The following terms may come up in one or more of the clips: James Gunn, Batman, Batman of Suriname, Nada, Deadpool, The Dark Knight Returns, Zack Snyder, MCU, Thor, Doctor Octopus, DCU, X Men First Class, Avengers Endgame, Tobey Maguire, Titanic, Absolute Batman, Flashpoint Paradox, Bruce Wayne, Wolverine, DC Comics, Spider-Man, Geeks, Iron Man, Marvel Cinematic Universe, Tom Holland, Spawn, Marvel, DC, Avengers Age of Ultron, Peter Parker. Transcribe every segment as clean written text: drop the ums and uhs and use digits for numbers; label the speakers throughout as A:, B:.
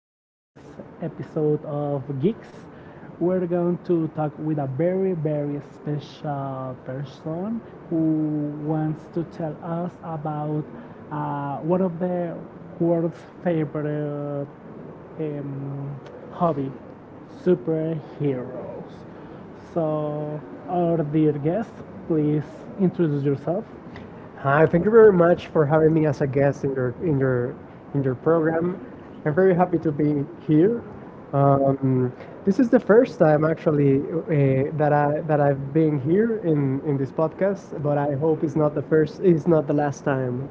A: this episode of Geeks. We're going to talk with a very, very special person who wants to tell us about one of the world's favorite um, hobby, superheroes. So, our dear guest, please introduce yourself.
B: Hi, thank you very much for having me as a guest in your program. I'm very happy to be here. Um, this is the first time actually that I've been here in this podcast, but I hope it's not the first. It's not the last time.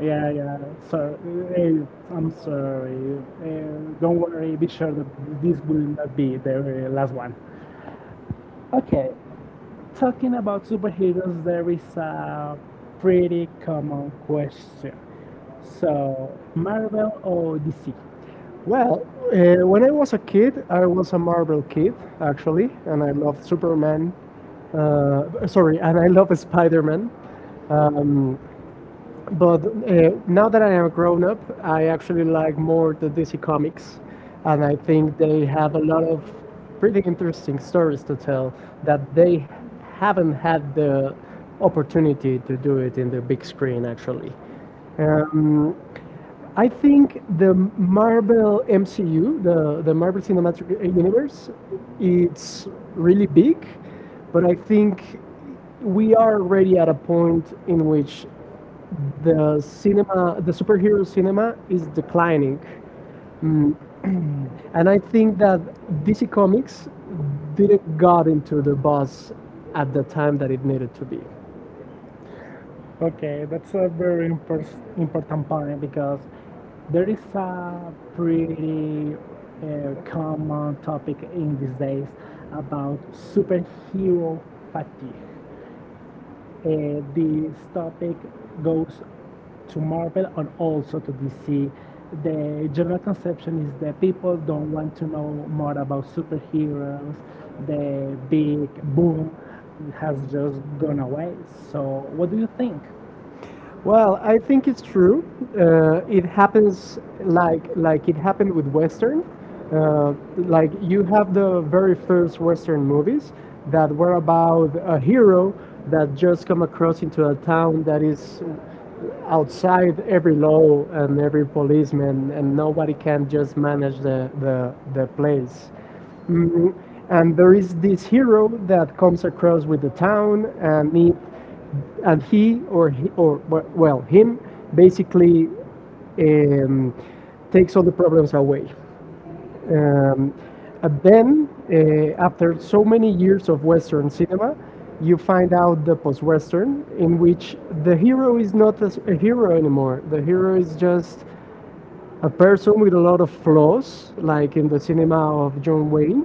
A: Yeah, yeah. So, I'm sorry. Don't worry. Be sure that this will not be the last one. Okay. Talking about superheroes, there is a pretty common question. So, Marvel or DC?
B: Well, when I was a kid, I was a Marvel kid actually, and I loved Superman. Sorry, and I love Spider-Man. Um, But now that I am grown up, I actually like more the DC comics, and I think they have a lot of pretty interesting stories to tell that they haven't had the opportunity to do it in the big screen actually. Um, I think the Marvel MCU, the Marvel Cinematic Universe, it's really big, but I think we are already at a point in which the cinema, the superhero cinema is declining. Mm. And I think that DC Comics didn't got into the buzz at the time that it needed to be.
A: Okay, that's a very important point because there is a pretty common topic in these days about superhero fatigue. This topic goes to Marvel and also to DC. The general conception is that people don't want to know more about superheroes. The big boom has just gone away. So, what do you think?
B: Well, I think it's true. It happens like it happened with Western. Like you have the very first Western movies that were about a hero that just come across into a town that is outside every law and every policeman, and nobody can just manage the place. Mm, and there is this hero that comes across with the town and it and he, or well well, him basically um, takes all the problems away. Um, and then, after so many years of Western cinema, you find out the post-Western, in which the hero is not a hero anymore. The hero is just a person with a lot of flaws, like in the cinema of John Wayne.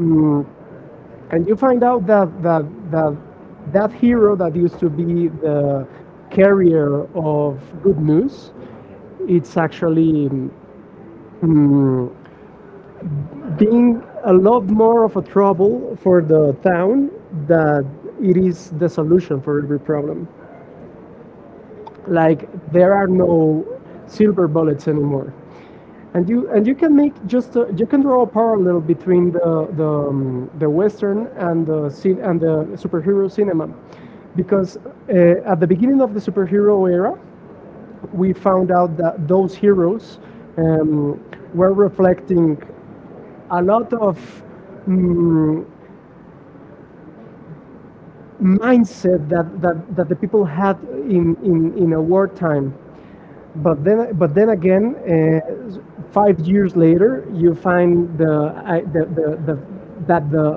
B: Mm, and you find out that that hero that used to be the carrier of good news, it's actually mm, being a lot more of a trouble for the town that it is the solution for every problem. Like there
A: There
B: are no silver bullets anymore. And
A: and
B: you and you can make just you can draw a parallel between the
A: the west
B: western
A: and
B: and the cin
A: Brazil
B: and
A: and the
B: the superhero cinema,
A: because
B: because
A: uh, at
B: at
A: the
B: the
A: beginning
B: beginning
A: of
B: of the
A: the Supergroup,
B: superhero era, we found out that those heroes
A: we
B: um,
A: were
B: were reflecting a
A: at
B: lot of mm mindset that the people had in a wartime. But then,
A: five
B: 5 years later, you find the, I, the that
A: that
B: the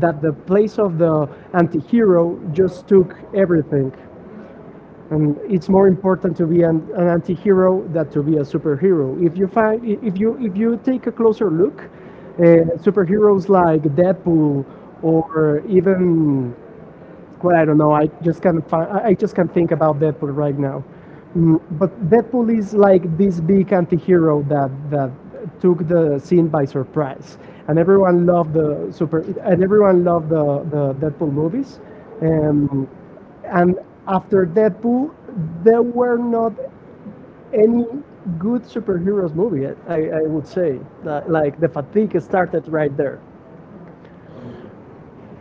A: that
B: the place of the anti-hero just took
A: to everyone.
B: everything,
A: And
B: and
A: it's
B: it's more
A: hard for
B: important to
A: people
B: be an
A: that have hero
B: anti-hero
A: that
B: than to be
A: is
B: a
A: superhero.
B: superhero. If you
A: You can your hero
B: find
A: because
B: if
A: the
B: you take a
A: superhero
B: closer look,
A: is
B: superheroes
A: not
B: like
A: yet to
B: Deadpool
A: or
B: or
A: even
B: even well,
A: when
B: I
A: like,
B: don't know. I
A: this
B: just
A: kind
B: can't. Find,
A: of I
B: I
A: just
B: just can't
A: have to
B: think
A: kind of
B: about Deadpool right
A: like,
B: now. Mm, but
A: but then
B: Deadpool is
A: it's like
B: like
A: this
B: this
A: thing
B: big
A: that
B: anti-hero
A: that
B: that
A: that to
B: took the scene by
A: rights
B: surprise, and
A: and everyone
B: everyone
A: is
B: loved the super. And everyone loved the Deadpool movies. Um, and
A: and
B: after
A: after that
B: Deadpool, there were not any
A: any
B: good superheroes movie. I would say like the fatigue started
A: right
B: right there.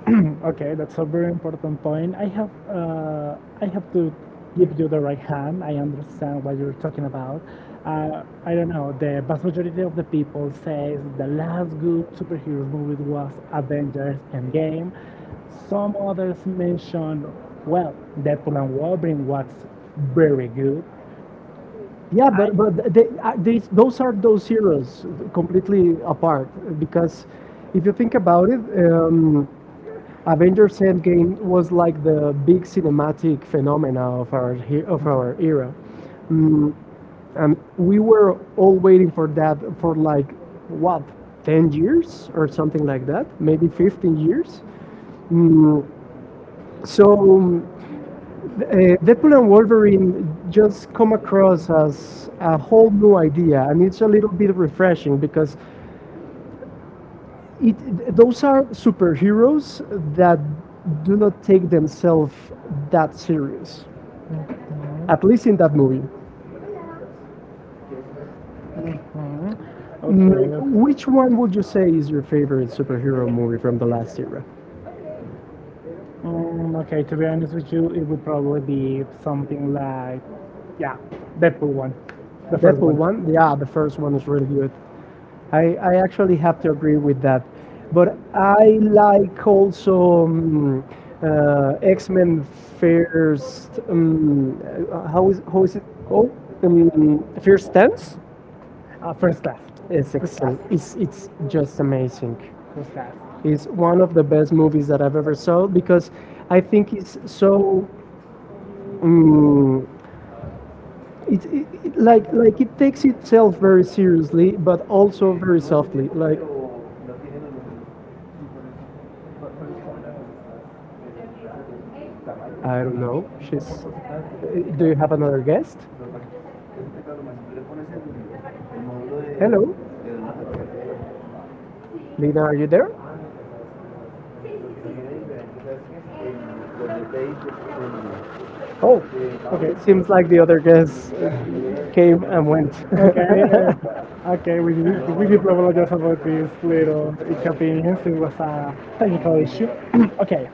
A: there. Okay, that's a very important point. I have to give you the right hand. I understand what you're talking about. I don't know. The vast majority of the people says the last good superheroes movie was Avengers Endgame. Some others mention, well, Deadpool and Wolverine was very good.
B: Yeah,
A: Yeah, I
B: but these those are those heroes completely apart because if you think about it, um,
A: A ver.
B: Avengers Endgame was like the big cinematic phenomena of our era, and we were all waiting for that for like what 10 years or something like that, maybe 15 years. Mm, so
A: So. eh,
B: Deadpool and Wolverine just come across as a
A: Now.
B: whole new idea, and it's a little bit refreshing because it, those are superheroes that do not take themselves that serious, at least in that movie.
A: Mhm.
B: Mm, which
A: Okay.
B: one would you say is your favorite superhero movie from the last era?
A: Mm, okay, to be honest with you, it would probably be something like, yeah, Deadpool one, the first
B: Deadpool
A: one,
B: one? Yeah, the first one is really good. I actually have to agree with that. But I like also X Men First. How is it called? First Stance.
A: first class, it's
B: It's
A: first class,
B: excellent. It's just amazing.
A: first class.
B: It's one of the best movies that I've ever saw because I think it's so. Um, like it takes itself very seriously, but also very softly. Like I don't know. She's. Do you have another guest? Hello, Lina, are you there? Oh,
A: Okay,
B: it seems like the other guest came and went.
A: okay, okay. We did apologize about these little inconvenience. It was a technical issue. Okay.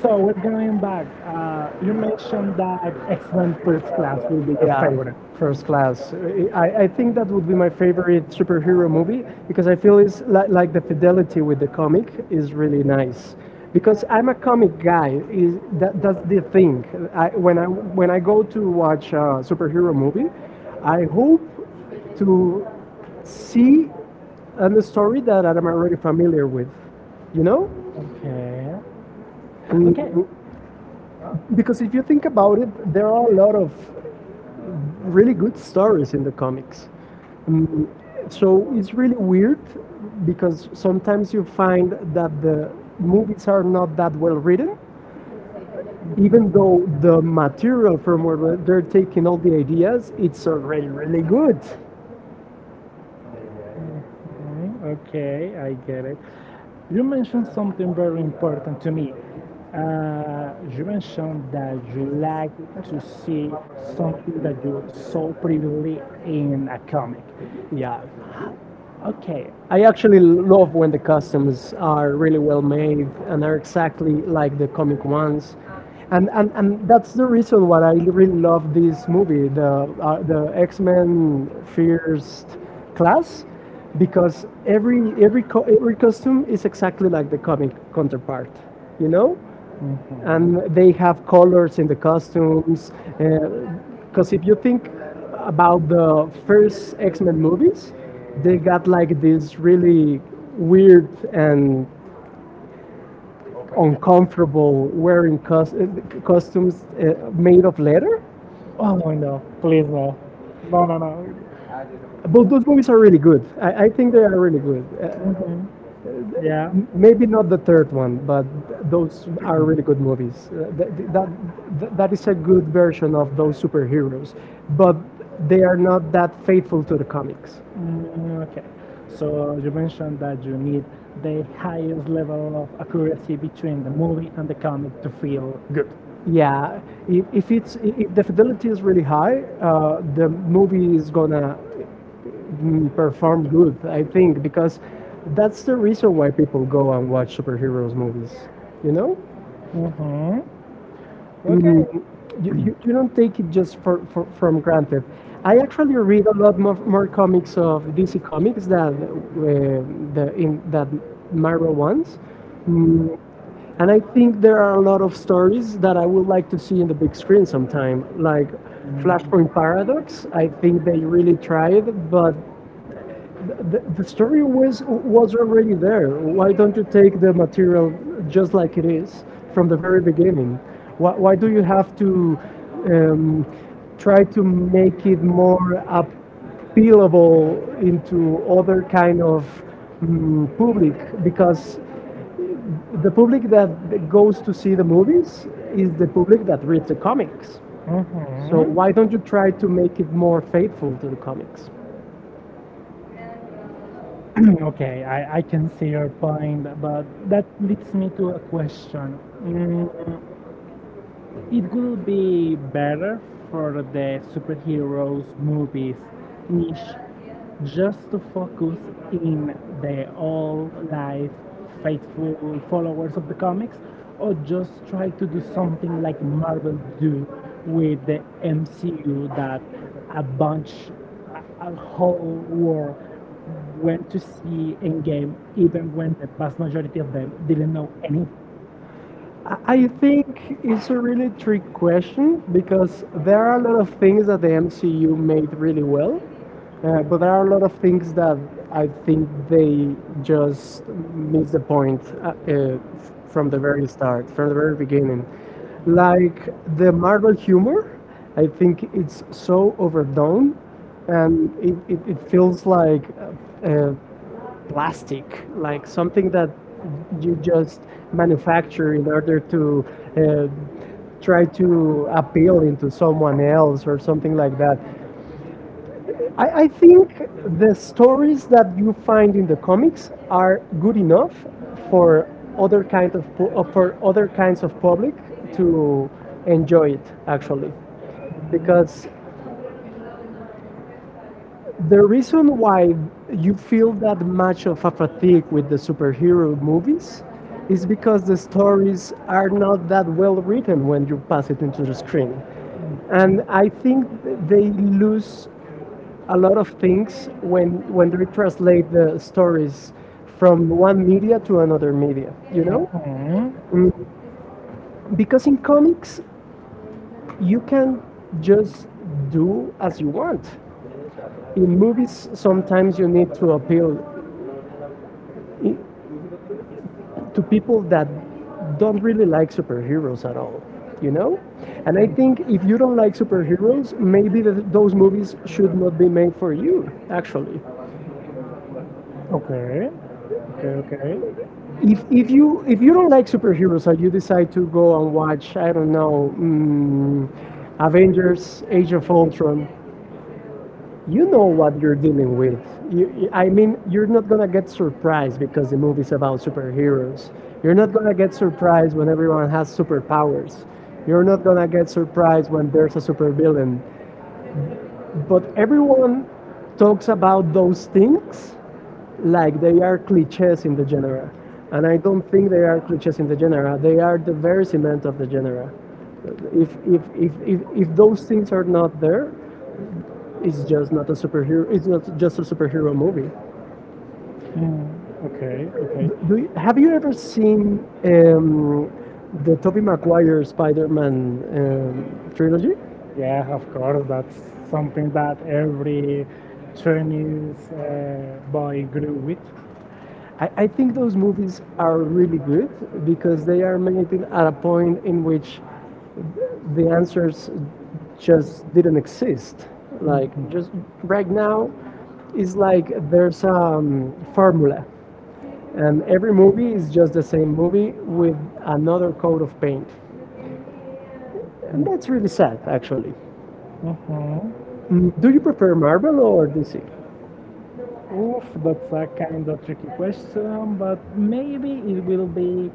A: So we're going back. You mentioned that excellent first class will be your
B: yeah,
A: favorite.
B: first class. I think that would be my favorite superhero movie because I feel it's like the fidelity with the comic is really nice. Because I'm a comic guy, is that, that's the thing. I, when I when I go to watch a superhero movie, I hope to see a story that I'm already familiar with, you know?
A: Okay. Okay.
B: Mm, because if you think about it, there are a lot of really good stories in the comics. Mm, so it's really weird because sometimes you find that the movies are not that well written, even
A: Mhm.
B: though the material from where they're taking all the ideas, it's already really good.
A: Okay, I get it. You mentioned something very important to me. You mentioned that you like to see something that you saw previously in a comic.
B: Yeah.
A: Okay,
B: I actually love when the costumes are really well made and are exactly like the comic ones. And that's the reason why I really love this movie, the X-Men First
A: class
B: Class, because every costume is exactly like the comic
A: from the park,
B: counterpart, you
A: you know?
B: know?
A: Mm-hmm. And
B: And they
A: they have
B: have
A: points
B: colors in the
A: the classroom.
B: costumes.
A: Because
B: Because if you think
A: if about
B: about the
A: current
B: first X Men movies, they
A: which I
B: got
A: think
B: like this
A: really
B: really
A: weird
B: weird
A: and
B: and
A: uncomfortable
B: uncomfortable
A: where it
B: wearing
A: comes to, because
B: costumes
A: made
B: made
A: of
B: of
A: it.
B: leather.
A: Oh no, please no. No, no, no.
B: But those
A: Books.
B: movies are really good. I think they are really good.
A: Mhm. Yeah.
B: Maybe not the third one, but those are really good movies. That is a good version of those superheroes, but they are not that faithful to the comics.
A: Mm, okay. So you mentioned that you need the highest level of accuracy between the movie and the comic to feel good.
B: Yeah, if it's I- if the fidelity is really high, the movie is gonna perform good, I think, because
A: That's
B: that's the reason why people go and watch superheroes movies. You know?
A: mm-hmm.
B: Mm,
A: Okay.
B: you don't take it just for from granted.
A: I
B: I actually read a lot more comics of DC comics than the in that Marvel ones, mm, and I think there are a lot of stories that I would like to see in the big screen sometime,
A: like
B: like Flashpoint Paradox. I think they really tried, but the story was already there. Why don't you take the material just like it is from the very
A: like
B: beginning? Why do you have to um, try
A: try
B: to
A: to
B: make it more
A: feel
B: appealable
A: into
B: into other kind of public? Because the public that goes to see the movies is the public that reads the comics. So
A: hmm
B: why don't you try to make it more faithful to the comics?
A: Okay, I can see your point, but that leads me to a question. It will be better for the superheroes movies niche just to focus in the all life faithful followers of the comics or just try to do something like Marvel do with the MCU that a bunch a whole world went to see in game even when the vast majority of them didn't know anything.
B: I think it's a really trick question because there are a lot of things that the MCU made really well, but there are a lot of things that I think they just missed the point from
A: From
B: the
A: the
B: very
A: very
B: start, from the very
A: further.
B: beginning. Like the Marvel humor, I think it's
A: It's so
B: so
A: old
B: overdone
A: and
B: and it feels
A: feels
B: like uh, uh,
A: plastic,
B: plastic,
A: like
B: like
A: some
B: something that you
A: you just
B: just
A: like
B: manufacture in order to
A: uh, try
B: try
A: to
B: to appeal
A: feel.
B: into someone else or something like that.
A: I
B: I
A: think
B: think
A: the
B: the
A: codes
B: stories that you find in the comics
A: are
B: are good enough for
A: for
B: other kind of for other kinds of public
A: they.
B: to enjoy it actually because the reason why you feel that much of a fatigue with the superhero movies is because the stories are not that well written when you pass it into the screen. And I think they lose a lot of things when they translate the stories from one media to another media, you know?
A: Hmm?
B: Because in comics, you can just do as you want. In movies, sometimes you need to appeal i- to people that don't really like superheroes at all, you know? And I think if you don't like superheroes, maybe those movies should not be made for you, actually.
A: Okay. Okay, okay.
B: If you don't like superheroes and you decide to go and watch, I don't know, Avengers Age of Ultron,
A: You
B: you know
A: know what
B: what you're dealing with.
A: I
B: I
A: think you
B: mean, you're
A: will
B: not gonna get surprised
A: surprised because
B: because the
A: of
B: movie's
A: the
B: about
A: types.
B: superheroes. You're
A: You're
B: not
A: not
B: gonna
A: gonna
B: get
A: be surprised
B: surprised when
A: when the
B: everyone has
A: lyrics. You're
B: superpowers.
A: surprised
B: You're not gonna get surprised
A: when
B: when
A: the
B: there's a supervillain.
A: because
B: But
A: everyone
B: everyone
A: talks
B: talks
A: about
B: about those
A: those
B: things
A: like
B: like
A: they
B: they are
A: put pictures
B: cliches
A: in
B: in
A: the
B: the
A: dinner.
B: genre.
A: And
B: And
A: I
B: I don't
A: don't
B: think
A: think
B: they
A: there
B: are
A: are pictures
B: cliches in
A: in the
B: the
A: dinner.
B: genre. They
A: They are
B: are
A: the
B: the very
A: pictures that
B: cement
A: go
B: of
A: to
B: the
A: dinner.
B: genre.
A: If you are not
B: If those things are not
A: there,
B: there, it's
A: it's just a
B: just not a superhero.
A: superhero.
B: It's not
A: It's just a
B: just a
A: superhero
B: superhero movie.
A: movie. Mm, okay, okay.
B: Do you, have
A: Have you
B: you ever
A: ever seen
B: seen
A: uh,
B: um,
A: the
B: the Tobey
A: Tobey Maguire's,
B: Maguire Spider-Man trilogy?
A: yeah, of course. That's something that every Chinese boy grew with.
B: I think those movies are really good because they are made at a point in which the answers just didn't exist. Like just right now, it's like there's a formula, and every movie is just the same movie with another coat of paint. And that's really sad, actually.
A: Mhm.
B: Do you prefer Marvel or
A: Mhm.
B: DC?
A: Oof, that's a kind of tricky question, but maybe it will be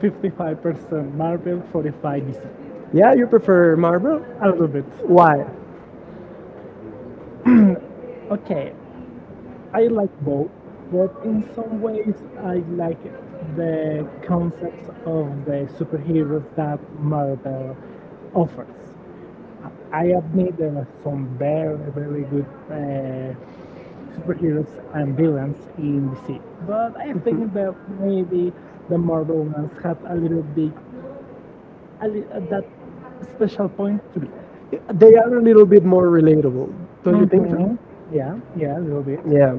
A: 55% Marvel, 45 DC.
B: Yeah, you prefer Marvel?
A: A little bit.
B: Why?
A: Okay, I like both, but in some ways I like the concept of the superheroes that Marvel offers. I admit there are some very, very good uh, superheroes and villains in DC. But I
B: Mhm.
A: think that maybe the Marvel ones had a little bit that special point to be.
B: They are a little bit more relatable, don't you think so?
A: Mm-hmm. Yeah, yeah, a little bit. Yeah.
B: Yeah.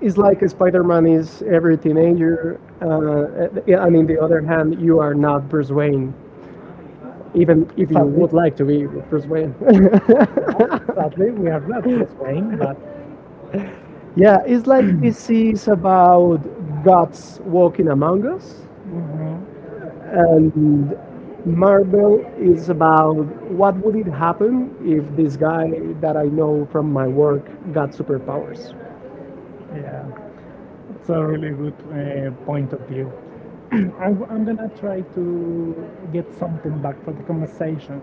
B: It's like Spider Man is every teenager, and in the other hand, you are not Bruce Wayne. Even if you
A: Sadly,
B: would like to be Bruce Wayne.
A: sadly, we are not Bruce Wayne, but
B: Yeah, it's like this is about gods walking among us,
A: mm-hmm,
B: and Marvel is about what would it happen if this guy that I know from my work got superpowers.
A: yeah, it's a really good point of view. I'm gonna try to get something back for the conversation.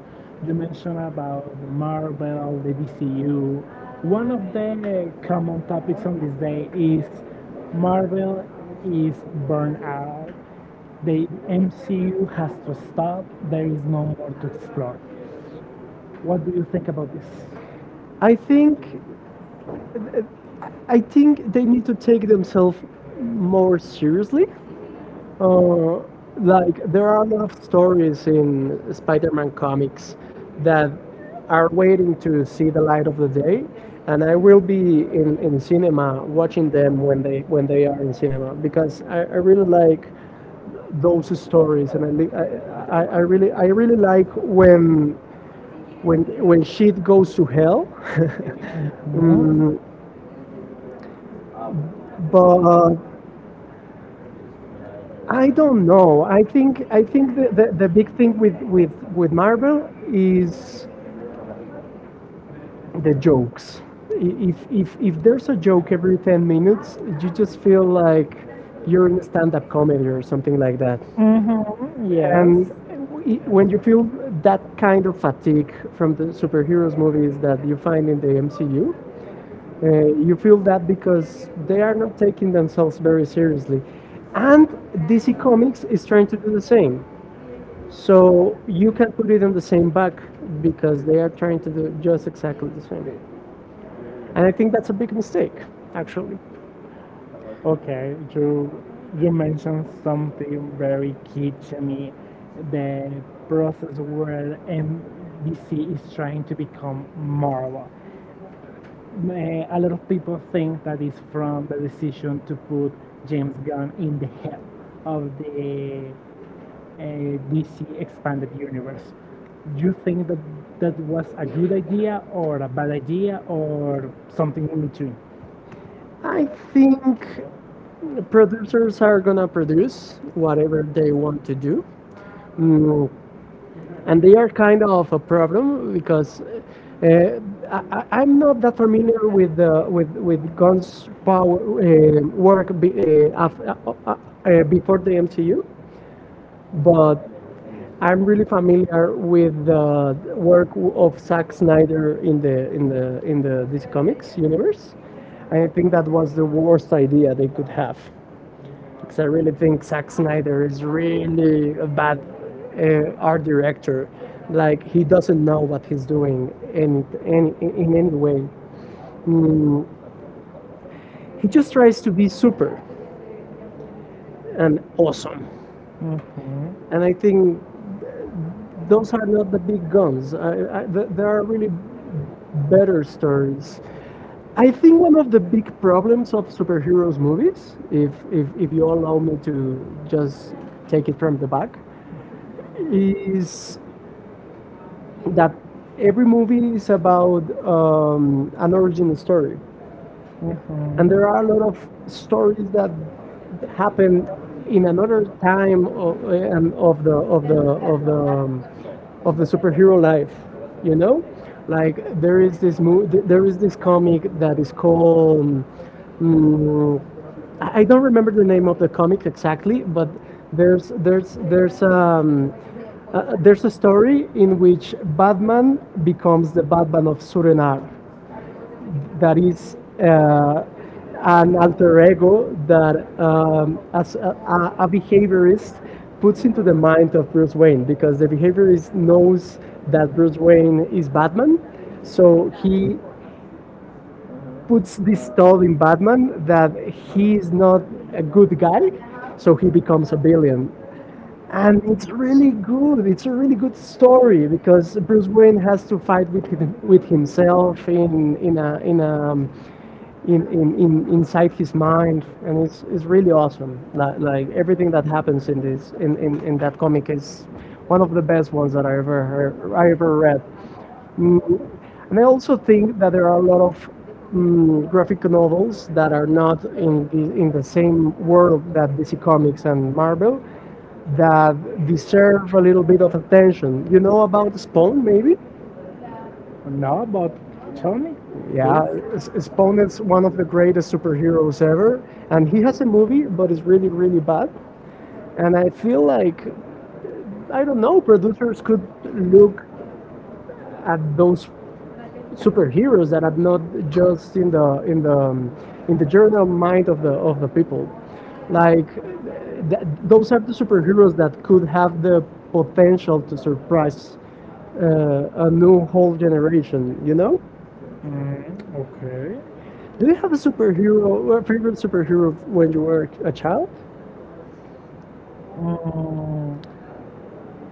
A: You mentioned about the Marvel, the DCU. One of the common topics on this day is Marvel is burned out. The MCU has to stop. There is no more to explore. What do you think about this?
B: I think I think they need to take themselves more seriously. Uh, like there are a lot of
A: Stole
B: stories in
A: Spider-Man
B: Spider-Man
A: comics
B: comics
A: that
B: that
A: are
B: are waiting to see
A: received
B: the light of the day,
A: today, and
B: and
A: I
B: I will
A: will be
B: be in,
A: in
B: in
A: cinema
B: cinema
A: watching
B: watching them
A: them when
B: when
A: they,
B: they
A: when
B: when
A: they
B: they
A: have
B: are in
A: played
B: cinema
A: because
B: because
A: I
B: I
A: really
B: really
A: like
B: like those
A: those stories.
B: stories, and I, li-
A: I really
B: I
A: like
B: really
A: it.
B: like when
A: And
B: when
A: when
B: when
A: it's
B: shit goes to hell,
A: well, mhm.
B: but
A: But I
B: I
A: don't
B: don't know.
A: know.
B: I
A: I think
B: think
A: I
B: I think
A: think
B: the,
A: that
B: the,
A: the
B: the
A: big
B: big
A: thing
B: thing
A: with
B: with
A: with Marvel
B: Marvel is
A: is
B: the
A: the jokes.
B: jokes. If there's a joke every ten
A: I
B: minutes, you
A: just
B: just feel
A: because
B: like
A: you
B: you're in
A: already stopped
B: stand-up
A: at
B: comedy
A: COVID,
B: or
A: right?
B: something like that.
A: Mm-hmm.
B: And
A: Yes.
B: when you feel that
A: That's kind
B: kind
A: of.
B: of fatigue from the superheroes movies that you find in the MCU, you feel that because they
A: They
B: are
A: are
B: not
A: not
B: taking
A: taking themselves
B: themselves very
A: seriously.
B: seriously. And
A: This
B: DC
A: economy
B: Comics
A: is
B: is trying to do
A: the
B: the
A: same.
B: same.
A: So
B: So
A: you
B: you
A: can.
B: can put it on the same back because they are trying to do just exactly the same.
A: And
B: And I think that's a big mistake, actually.
A: okay, you mentioned something very key to me, the process where MVC is trying to become Marvel. A lot of people think that is from the decision to put James Gunn in the head of the DC Expanded Universe. Do you think that that was a good idea or a bad idea or something in between?
B: I think producers are gonna produce
A: Got it.
B: whatever they want to do.
A: Mm,
B: Mm, And
A: And
B: they are kind of a problem because
A: uh,
B: I'm
A: I'm not
B: not that familiar with with
A: how
B: Gunn's power work
A: uh, uh,
B: before the MCU, but
A: but
B: I'm
A: I'm
B: really
A: really happy
B: familiar with the
A: where
B: work of Zack Snyder in the DC Comics universe.
A: I
B: I
A: think
B: think that was the worst idea they could have because I really think Zack Snyder is really a bad art director.
A: like
B: Like he doesn't know what he's
A: is doing
B: doing
A: and
B: any
A: and
B: in any way. Mm, he just tries to be super and awesome,
A: mm-hmm.
B: and I think those are not the
A: I
B: big guns.
A: think
B: There
A: there are
B: are
A: really
B: really
A: better
B: better
A: stories.
B: stories.
A: I
B: I think
A: think
B: one of the
A: the
B: big
A: problem
B: problems
A: for
B: of superheroes movies,
A: is,
B: if if,
A: is
B: if
A: you
B: you
A: have
B: allow me to
A: just
B: just
A: take
B: take
A: it
B: it
A: for
B: from the back,
A: granted.
B: is
A: It's that
B: that every
A: everyone
B: movie is
A: is about
B: about an origin story. And there
A: there
B: are
A: are
B: a lot of
A: stories
B: stories that
A: happening
B: happen
A: in
B: in another
A: another
B: time of, and of the of the of the of the
A: uh,
B: superhero life, you
A: you know,
B: know,
A: like
B: like there is this there is
A: this
B: this
A: comment
B: comic
A: that
B: that
A: was
B: is
A: quoted,
B: called mm, I
A: I
B: I don't
A: don't
B: remember the name of the
A: know
B: comic
A: exactly,
B: exactly, but
A: but there's
B: there's
A: there's,
B: there's there's um,
A: there's
B: there's a
A: a story.
B: story in which Batman
A: Batman is
B: becomes
A: the
B: the Batman
A: Batman
B: of
A: superhero
B: Suriname that
A: that is
B: is
A: uh, an
B: an alter
A: alter ego
B: ego that
A: that um,
B: as a behaviorist
A: puts
B: puts
A: into
B: into the
A: the
B: mind of Bruce Wayne because the behaviorist knows that
A: that
B: Bruce Wayne is Batman,
A: so
B: so
A: he
B: he
A: puts
B: puts
A: his
B: this thought
A: own
B: in Batman that he is not a good guy, so
A: so
B: he becomes a villain. And
A: and it's
B: it's really
A: really cool.
B: good.
A: It's
B: It's a
A: a really
B: really good
A: good story
B: story
A: because it
B: because
A: really
B: Bruce Wayne
A: has
B: has to
A: to find
B: fight with him,
A: for
B: with
A: himself
B: himself
A: and,
B: in
A: uh,
B: a in
A: yeah.
B: a in, in inside his mind, and
A: and,
B: it's
A: and
B: really awesome,
A: it's not
B: like,
A: happens
B: like everything that happens in
A: to it.
B: this in,
A: And
B: in, in that comic is
A: it's
B: one
A: one
B: of
A: of
B: the best ones that I ever
A: the
B: heard, I
A: right.
B: ever read.
A: We
B: And I
A: never to
B: also
A: think
B: think that
A: of
B: there are a lot of
A: something that
B: graphic
A: it's
B: novels that are not in the same world that DC Comics
A: and
B: and
A: that
B: Marvel that
A: deserves
B: deserve a little bit of attention, you know, about Spawn maybe?
A: really. No, but tell me,
B: Yeah,
A: please.
B: Spawn is one of the greatest superheroes ever, and he has a movie, but it's really, really bad. And I feel like, I don't know, producers could look at those superheroes that are not just in the general mind of the people. Like, those are the superheroes that could have the potential to surprise a new whole generation. You know?
A: Mm, okay.
B: Do you have a superhero, a favorite superhero when you were a child?
A: Uh,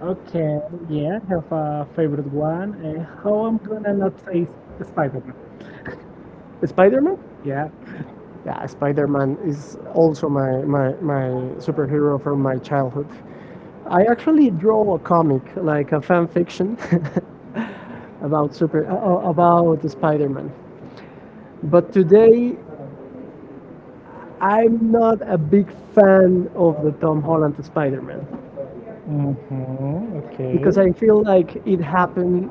A: Okay, yeah, I have a favorite one. How I'm gonna not say Spider-Man?
B: Spider-Man?
A: Yeah.
B: Yeah, Spider-Man is also my superhero from my childhood. I actually draw a comic, like a fan fiction, about super about Spider-Man. But today, I'm not a big fan of the Tom Holland Spider-Man
A: Mm-hmm, okay.
B: because I feel like it happened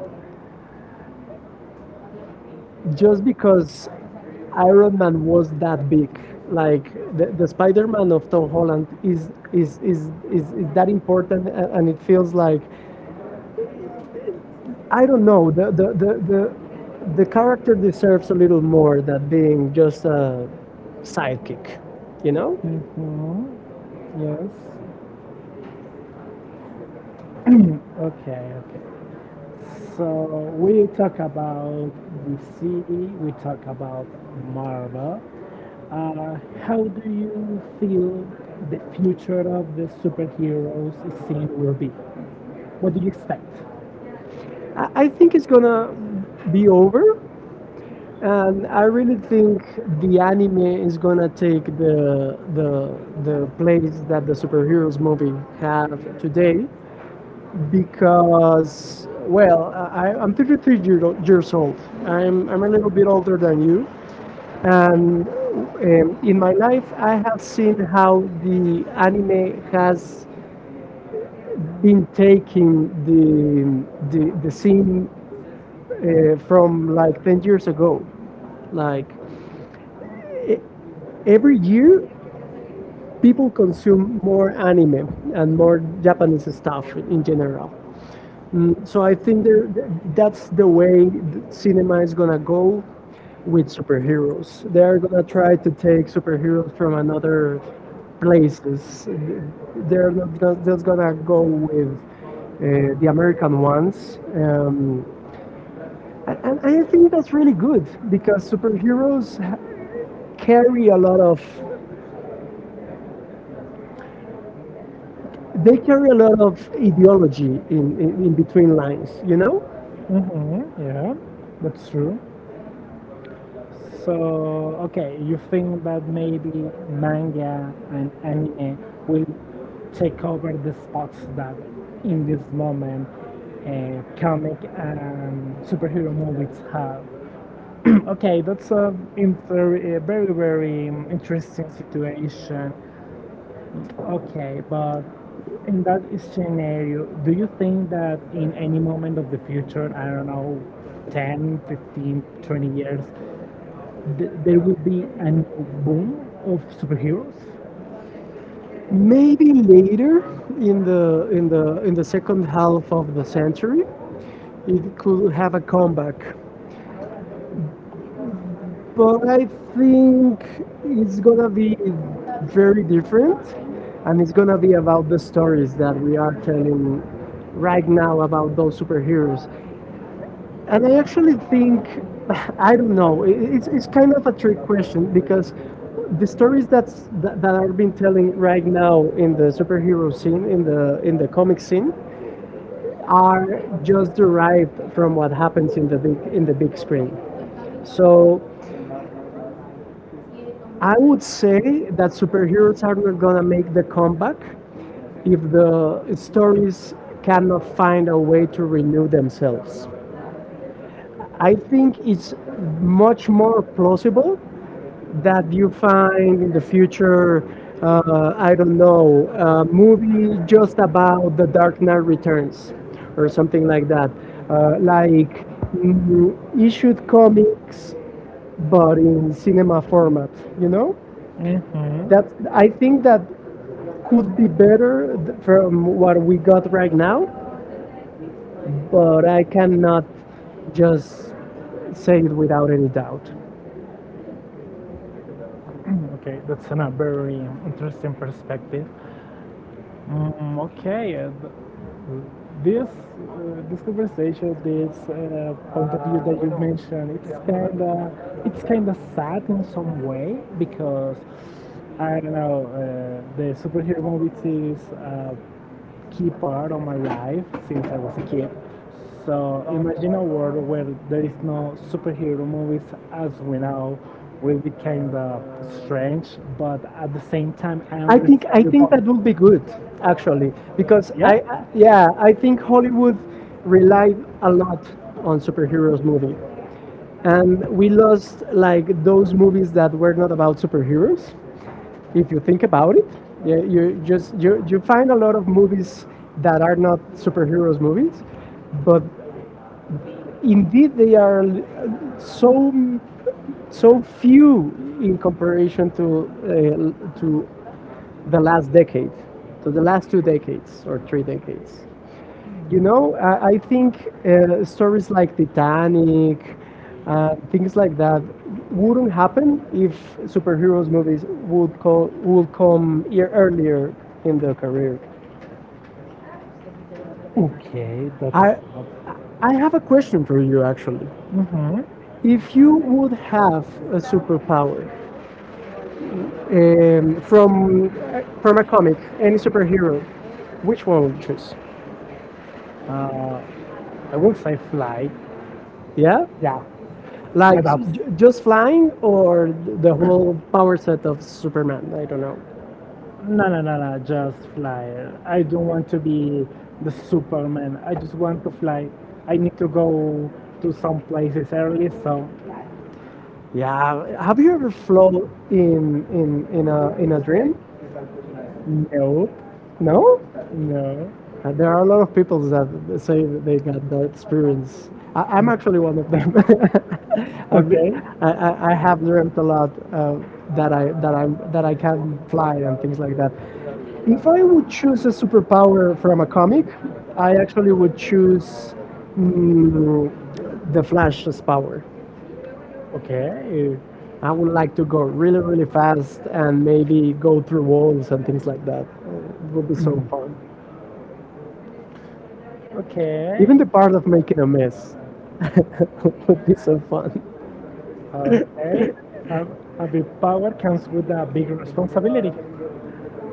B: just because Iron Man was that big. Like the Spider Man of Tom Holland is that important, and it feels like, I don't know, the character deserves a little more than being just a sidekick, you
A: You know.
B: know.
A: Mm-hmm. Yes. Okay, okay. So we talk about the sea, we talk about Marvel. How do you feel the future of the superheroes scene will be? What do you expect?
B: I think it's gonna be over, and I really think the anime is gonna take the place that the superheroes movie have today, because,
A: Like,
B: well, I'm 33 years old. I'm a little bit older than you, and in my life I have seen how the anime has been taking the scene from like 10 years ago. Like e-
A: every
B: every year
A: people
B: people consume more
A: or animal
B: anime and
A: and
B: more
A: most in
B: Japanese stuff in
A: general.
B: general. So I think
A: Because
B: that's
A: that's the
B: the
A: way
B: way cinema
A: cinema is
B: is gonna go
A: with
B: with
A: superheroes.
B: superheroes. They are gonna try
A: A
B: to take
A: superhero
B: superheroes from another
A: like
B: places. They're not go- just gonna go with uh, the American ones, and I think that's really good because superheroes ha- carry a lot of they carry a lot of ideology in between lines. You know?
A: mm-hmm, yeah, that's true. So, okay, you think that maybe manga and anime will take over the spots that in this moment comic and superhero movies have? Okay, that's a very, very interesting situation. Okay, but in that scenario, do you think that in any moment of the future, I don't know, 10, 15, 20 years, th there will be a new boom of superheroes?
B: Maybe later in the second half of the century, it could have a comeback. But I think it's gonna be very different, and it's gonna be about the stories that we are telling right
A: The
B: now
A: reaction
B: about
A: would
B: those superheroes.
A: I
B: And I
A: don't
B: actually think, I don't
A: know,
B: know.
A: it-
B: It's
A: it's,
B: it's
A: kind
B: kind
A: of
B: of
A: a
B: a
A: trick
B: trick
A: question
B: question
A: because
B: because the
A: the stories
B: stories
A: that,
B: that's that, that
A: that,
B: are being telling right now in the superhero
A: in
B: scene
A: the,
B: in
A: in the
B: the
A: comic
B: comic scene
A: scene
B: are
A: are
B: just
A: just derived
B: derived from
A: from what
B: what
A: happens
B: happens
A: in
B: in the big
A: the
B: screen.
A: movie. So
B: So
A: I
B: I would
A: would
B: say
A: say that
B: that
A: superheroes
B: superheroes are not gonna make the comeback if the
A: if stories
B: stories
A: can
B: cannot find
A: balance.
B: a way to renew themselves. I
A: I think
B: think
A: it's
B: it's much more plausible
A: that
B: that
A: you
B: you find in the
A: can in
B: future,
A: future,
B: I don't know,
A: uh,
B: a movie
A: you
B: just about The Dark Knight Returns or something like
A: like that.
B: that. Like issued comics, but in cinema format, you know?
A: hmm
B: That
A: I
B: I think
A: think
B: that
A: that
B: could be better from what we got right now, but I cannot just
A: just
B: say
A: say.
B: it without any doubt.
A: Okay, that's a very interesting perspective. Mm, okay, th- this conversation, this point of view that you mentioned, it's kind of sad in some way because I don't know the superhero movies is a key part of my life since I was a kid. So imagine a world where there is no superhero movies as we know will be kind of strange, but at the same time I
B: I think
A: understand
B: I think that would be good
A: uh,
B: actually
A: because
B: because
A: yeah?
B: yeah,
A: Yeah,
B: I think Hollywood
A: Hollywood relied
B: relied
A: a
B: a
A: lot
B: lot on
A: on
B: superheroes movie
A: script. And
B: and we
A: because
B: lost
A: like
B: like
A: those
B: those movies
A: movies that
B: that were
A: were
B: not
A: about
B: about
A: superheroes,
B: superheroes if you think about it. Yeah,
A: it-
B: you find a lot of movies that are not superheroes movies but indeed they are
A: so
B: so so
A: so few
B: few in comparison to
A: the
B: the
A: la-
B: last decade, so
A: the
B: the
A: la-
B: last 2 decades or
A: uh,
B: 3 decades. You know, I think stories like Titanic, things like that, wouldn't happen if superheroes movies would would come year earlier
A: in
B: in
A: the.
B: their career.
A: Okay, that's.
B: I
A: Up.
B: I have a question for you, actually.
A: Mm-hmm. If
B: If you
A: you would
B: would
A: have
B: have a
A: the superpower
B: superpower
A: uh,
B: um,
A: from
B: from from a
A: person of
B: comic, any
A: any
B: superhero, which one would you choose?
A: Uh, I would say fly. Yeah,
B: Yeah.
A: yeah, like
B: Like
A: without
B: just flying or the whole
A: or
B: power
A: our.
B: set of Superman? I don't know.
A: No, no, no, no, just fly. I don't want to be the Superman. I just want to fly. I need to go to some places early, so.
B: Yeah. Have you ever flown in a dream?
A: Nope.
B: No.
A: No? No.
B: There are a lot of people that say that they got that experience. I'm actually one of them. I've been,
A: Okay.
B: I have dreamt a lot that I that i that I can fly and things like that. If I would choose a superpower from a comic, I actually would choose mm, the Flash's power. I would like to go really really fast and
A: Okay.
B: maybe go through walls and things like that. It would be so fun.
A: Okay.
B: Even the part of making a mess would be so fun.
A: Okay. A, a big power comes with a big responsibility.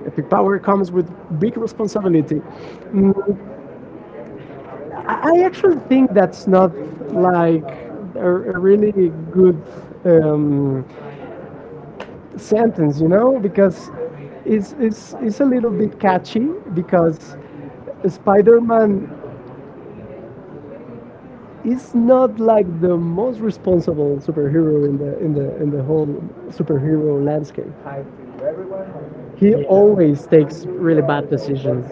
B: Epic power comes with big responsibility. Mm, I actually think that's not like
A: Like
B: a really good
A: uh,
B: um, sentence, you know, because it's a little bit catchy because Spider-Man is not like the most responsible superhero in the whole superhero landscape. He always takes really bad decisions.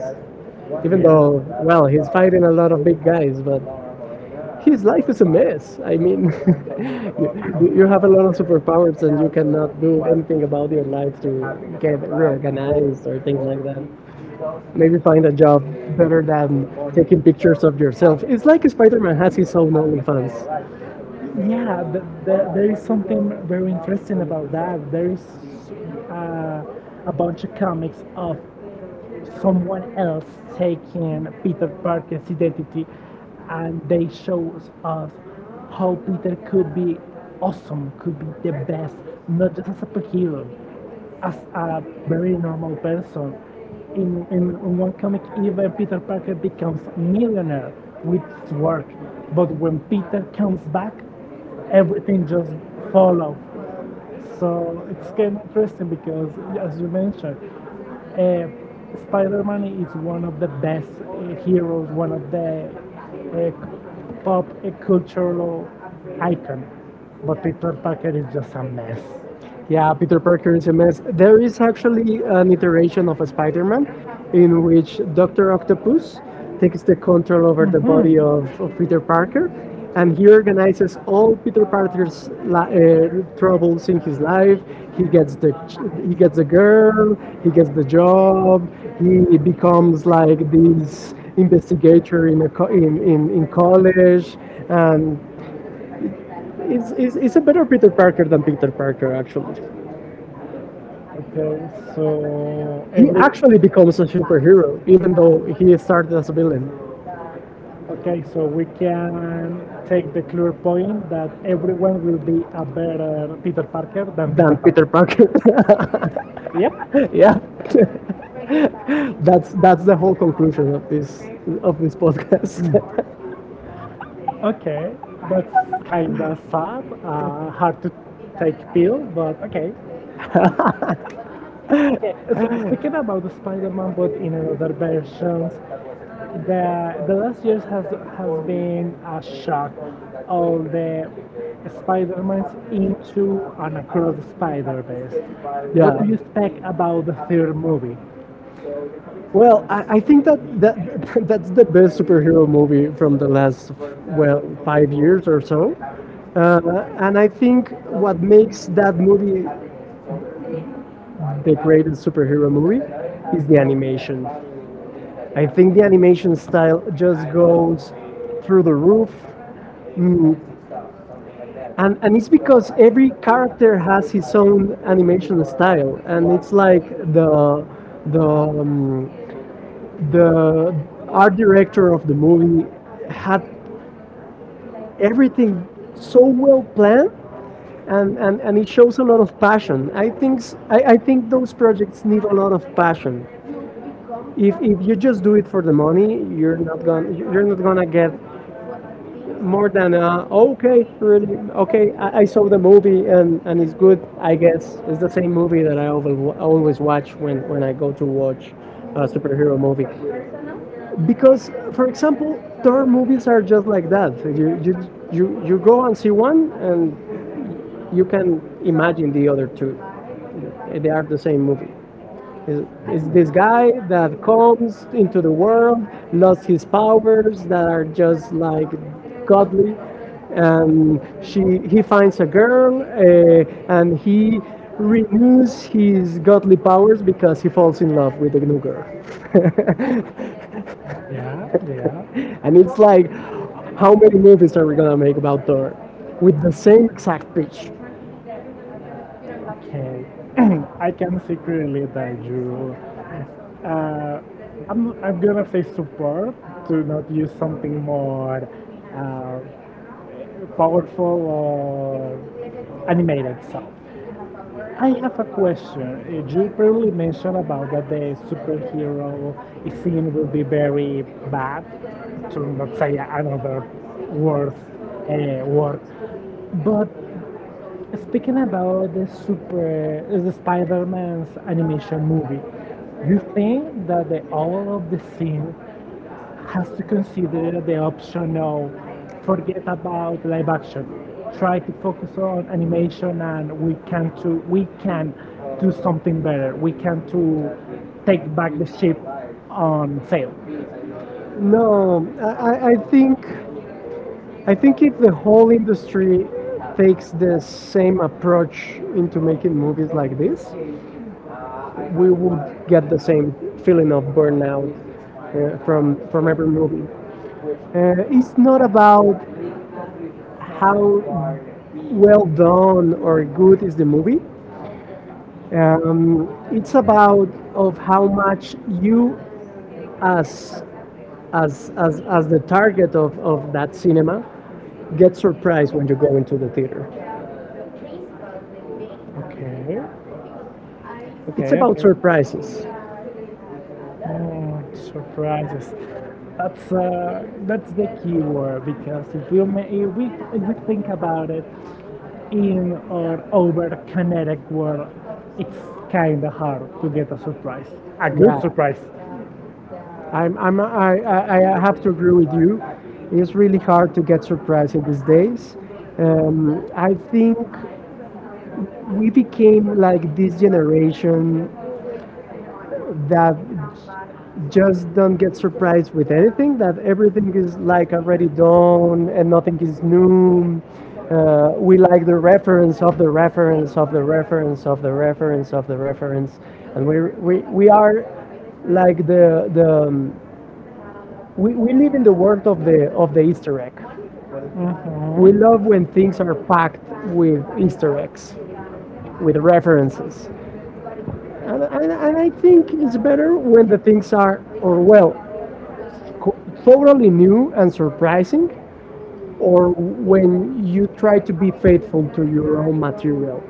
B: Even though,
A: yeah.
B: well, he's fighting a lot of big guys, but his life is a
A: Yeah.
B: mess.
A: About how
B: You,
A: we
B: you
A: live,
B: have a lot of superpowers
A: and
B: and you cannot
A: also
B: do
A: what
B: anything about your
A: is
B: life to
A: the happiness in
B: get
A: life, the goals,
B: reorganized or things
A: or
B: like that.
A: if
B: Maybe find a job better
A: the
B: than
A: money.
B: taking pictures of yourself. It's like Spider Man has his own OnlyFans.
A: Yeah, th th there is something very interesting about that. There is uh, a bunch of comics of someone else taking Peter Parker's identity, and they show us how Peter could be awesome, could be the best, not just as a superhero, as a very normal person. In one comic, even Peter Parker becomes a millionaire with his work, but when Peter comes back, everything just fall off, so it's kind of interesting because, as you mentioned, uh, Spider-Man is one of the best heroes, one of the uh, pop cultural icon. But Peter Parker is just a mess.
B: Yeah, Peter Parker is a mess. There is actually an iteration of a Spider-Man in which Doctor Octopus takes the control over the
A: Mhm.
B: body of Peter Parker, and he organizes all Peter Parker's troubles in his life. He gets the ch- he gets the girl, he gets the job, he becomes like this investigator in a co- in college, and it's a better Peter Parker than Peter Parker actually.
A: Okay, so
B: He actually becomes a superhero, even though he started as a villain
A: we can take the clear point that everyone will be a better Peter Parker than Peter
B: than Peter
A: Parker.
B: Parker.
A: Yep.
B: Yeah. That's the whole conclusion of this podcast.
A: Okay, that's kind of sad, hard to take pill, but okay. Okay. So, speaking about the Spider-Man, but in another versions, the last years has been a shock. All the Spider-Mans into and across the Spider-Verse. What do
B: Yeah.
A: you expect about the third movie?
B: Well, I think that that's the best superhero movie from the last, well, 5 years or so, uh, and I think what makes that movie the greatest superhero movie is the animation. I think the animation style just goes through the roof, mm,
A: Stuff, something like that.
B: and it's because
A: How
B: every
A: is
B: character
A: there like
B: has his
A: the
B: own animation
A: like.
B: style, and it's like the the um, the art director of the movie had everything so
A: So,
B: well
A: and
B: planned and, and it
A: shows
B: shows a lot
A: about
B: of passion. I
A: items,
B: think, s- I,
A: I,
B: I think those projects need a lot of
A: but
B: passion.
A: you become
B: If,
A: stuck
B: if you just do it for the money,
A: or
B: you're
A: stuck
B: not gonna get
A: with things
B: more
A: that
B: than a, "Oh, okay,
A: okay,
B: really okay. I saw the movie and, it's good. I
A: I guess
B: guess it's
A: it's
B: the
A: the
B: same
A: same.
B: movie that I
A: Always
B: always watch when I
A: personal.
B: go to watch a superhero movie."
A: Because, for example,
B: Because for example Thor movies are just like that. You go and see one and you can imagine the other two. They are the same movie. is, is this guy that comes into the world, lost his powers that are just like godly, and she he finds a girl, and he renews his godly powers because he falls in love with the new girl.
A: yeah, yeah.
B: And it's like, how many movies are we gonna make about Thor with the same exact pitch?
A: Okay. I can see clearly that you. Uh, I'm gonna say support to not use something more uh, powerful or animated. So, I have a question. You probably mentioned about that the superhero scene will be very bad, to not say another worse word. But speaking about the Spider-Man's animation movie, you think that the all of the scene has to consider the option of forget about live action, try to focus on animation, and we can do something better. We can to take back the ship on sale.
B: No, I think if the whole industry takes the same approach into making movies like this, we would get the same feeling of burnout from every movie. It's not about how well done or good is the movie. It's about of how much
A: Reduction
B: you as
A: of, of, of,
B: as the
A: of
B: target of that cinema get surprised when you go into the theater.
A: Okay.
B: It's
A: Okay,
B: about
A: okay.
B: surprises.
A: Surprises. That's the key word because if we think about it in our over kinetic world, it's kind of hard to get a surprise, a good
B: Yeah.
A: surprise.
B: I'm, I have to agree with you. It's really hard to get surprised in these days. I think we became like this generation that just don't get surprised with anything, that everything is like already done and nothing is new. We like the reference of the reference of the reference of the reference of the reference, and we are like the we live in the world of the easter egg. We love when things are packed with easter eggs with references, and, and I think it's better when the things are, or well, co- totally new and surprising, or when you try to be faithful to your own material.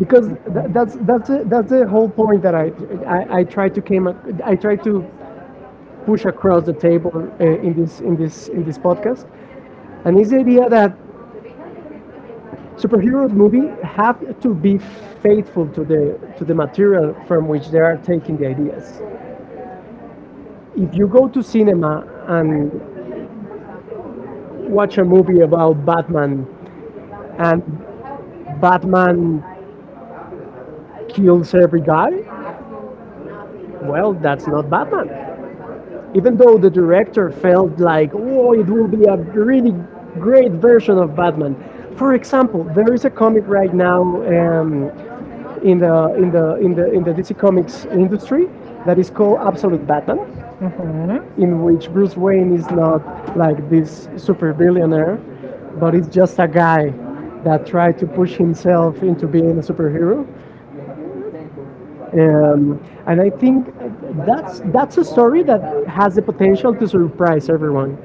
B: Because that's a, that's the whole point that I try to I try to push across the table in this in this podcast, and it's the idea that superheroes
A: Mhm.
B: movie have to be
A: Mhm. Faith
B: faithful
A: is
B: to the to
A: different
B: the
A: to the
B: material
A: much
B: from
A: from which
B: which they
A: their
B: are taking the
A: application gave
B: ideas.
A: us.
B: If you go to cinema
A: And
B: and
A: what
B: watch a movie about Batman and
A: and by
B: Batman
A: you know,
B: kills every guy?
A: well,
B: Well, that's not
A: that's
B: Batman. Even
A: even
B: though
A: though
B: the director felt like, oh, it will be a
A: well,
B: really
A: great,
B: great
A: great version
B: version
A: of,
B: of Batman.
A: for
B: For
A: example,
B: example, there is a comic right now
A: um,
B: in the DC Comics industry
A: that
B: that
A: is
B: is
A: so
B: called
A: up to
B: Absolute Batman,
A: be. Mm-hmm.
B: in which Bruce Wayne is not
A: That
B: like
A: is
B: this
A: this
B: super billionaire,
A: supervision
B: but it's
A: that
B: just a guy that tried to push
A: right
B: himself into being a superhero. Um, and
A: and I
B: I
A: think
B: think
A: that's
B: that's a
A: the story
B: story that
A: that
B: has
A: has the
B: the
A: potential
B: potential to
A: to rise
B: surprise
A: over.
B: everyone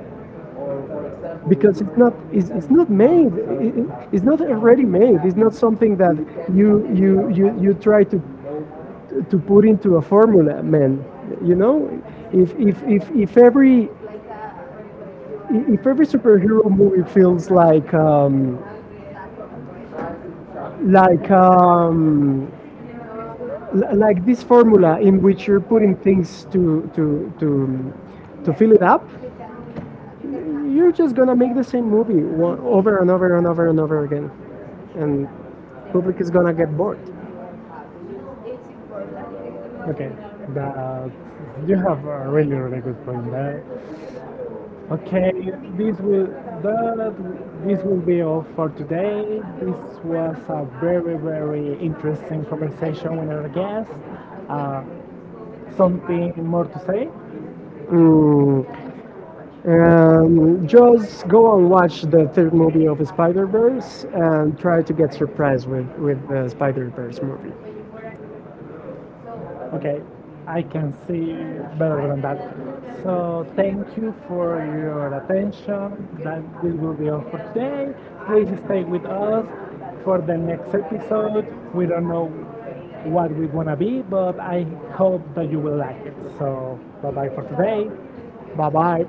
A: Or for example, because
B: because it's not, it's not made,
A: it's
B: it's not
A: not already
B: already
A: made,
B: made,
A: it's
B: it's not
A: not,
B: something that
A: we can have
B: you try to
A: no more.
B: put into a formula, man. You know, if
A: Every
B: every
A: like every superhero
B: superhero
A: movie
B: movie
A: feels
B: feels
A: like
B: like
A: a try to,
B: like, like this formula in which you're putting things to fill it up,
A: yeah.
B: you're just gonna make the same movie one, over and over and over and over again, and public is gonna get bored.
A: Okay, that you have a really really good point there. Okay, this will that this will be all for today. This was a very very interesting conversation with our guest. Uh, Something more to say?
B: Mm, just go and watch the third movie of Spider Verse and try to get surprised with the Spider Verse movie.
A: Okay, I can see better than that. So thank you for your attention. That this will be all for today. Please stay with us for the next episode. We don't know what we're gonna be, but I hope that you will like it. So bye bye for today.
B: Bye bye.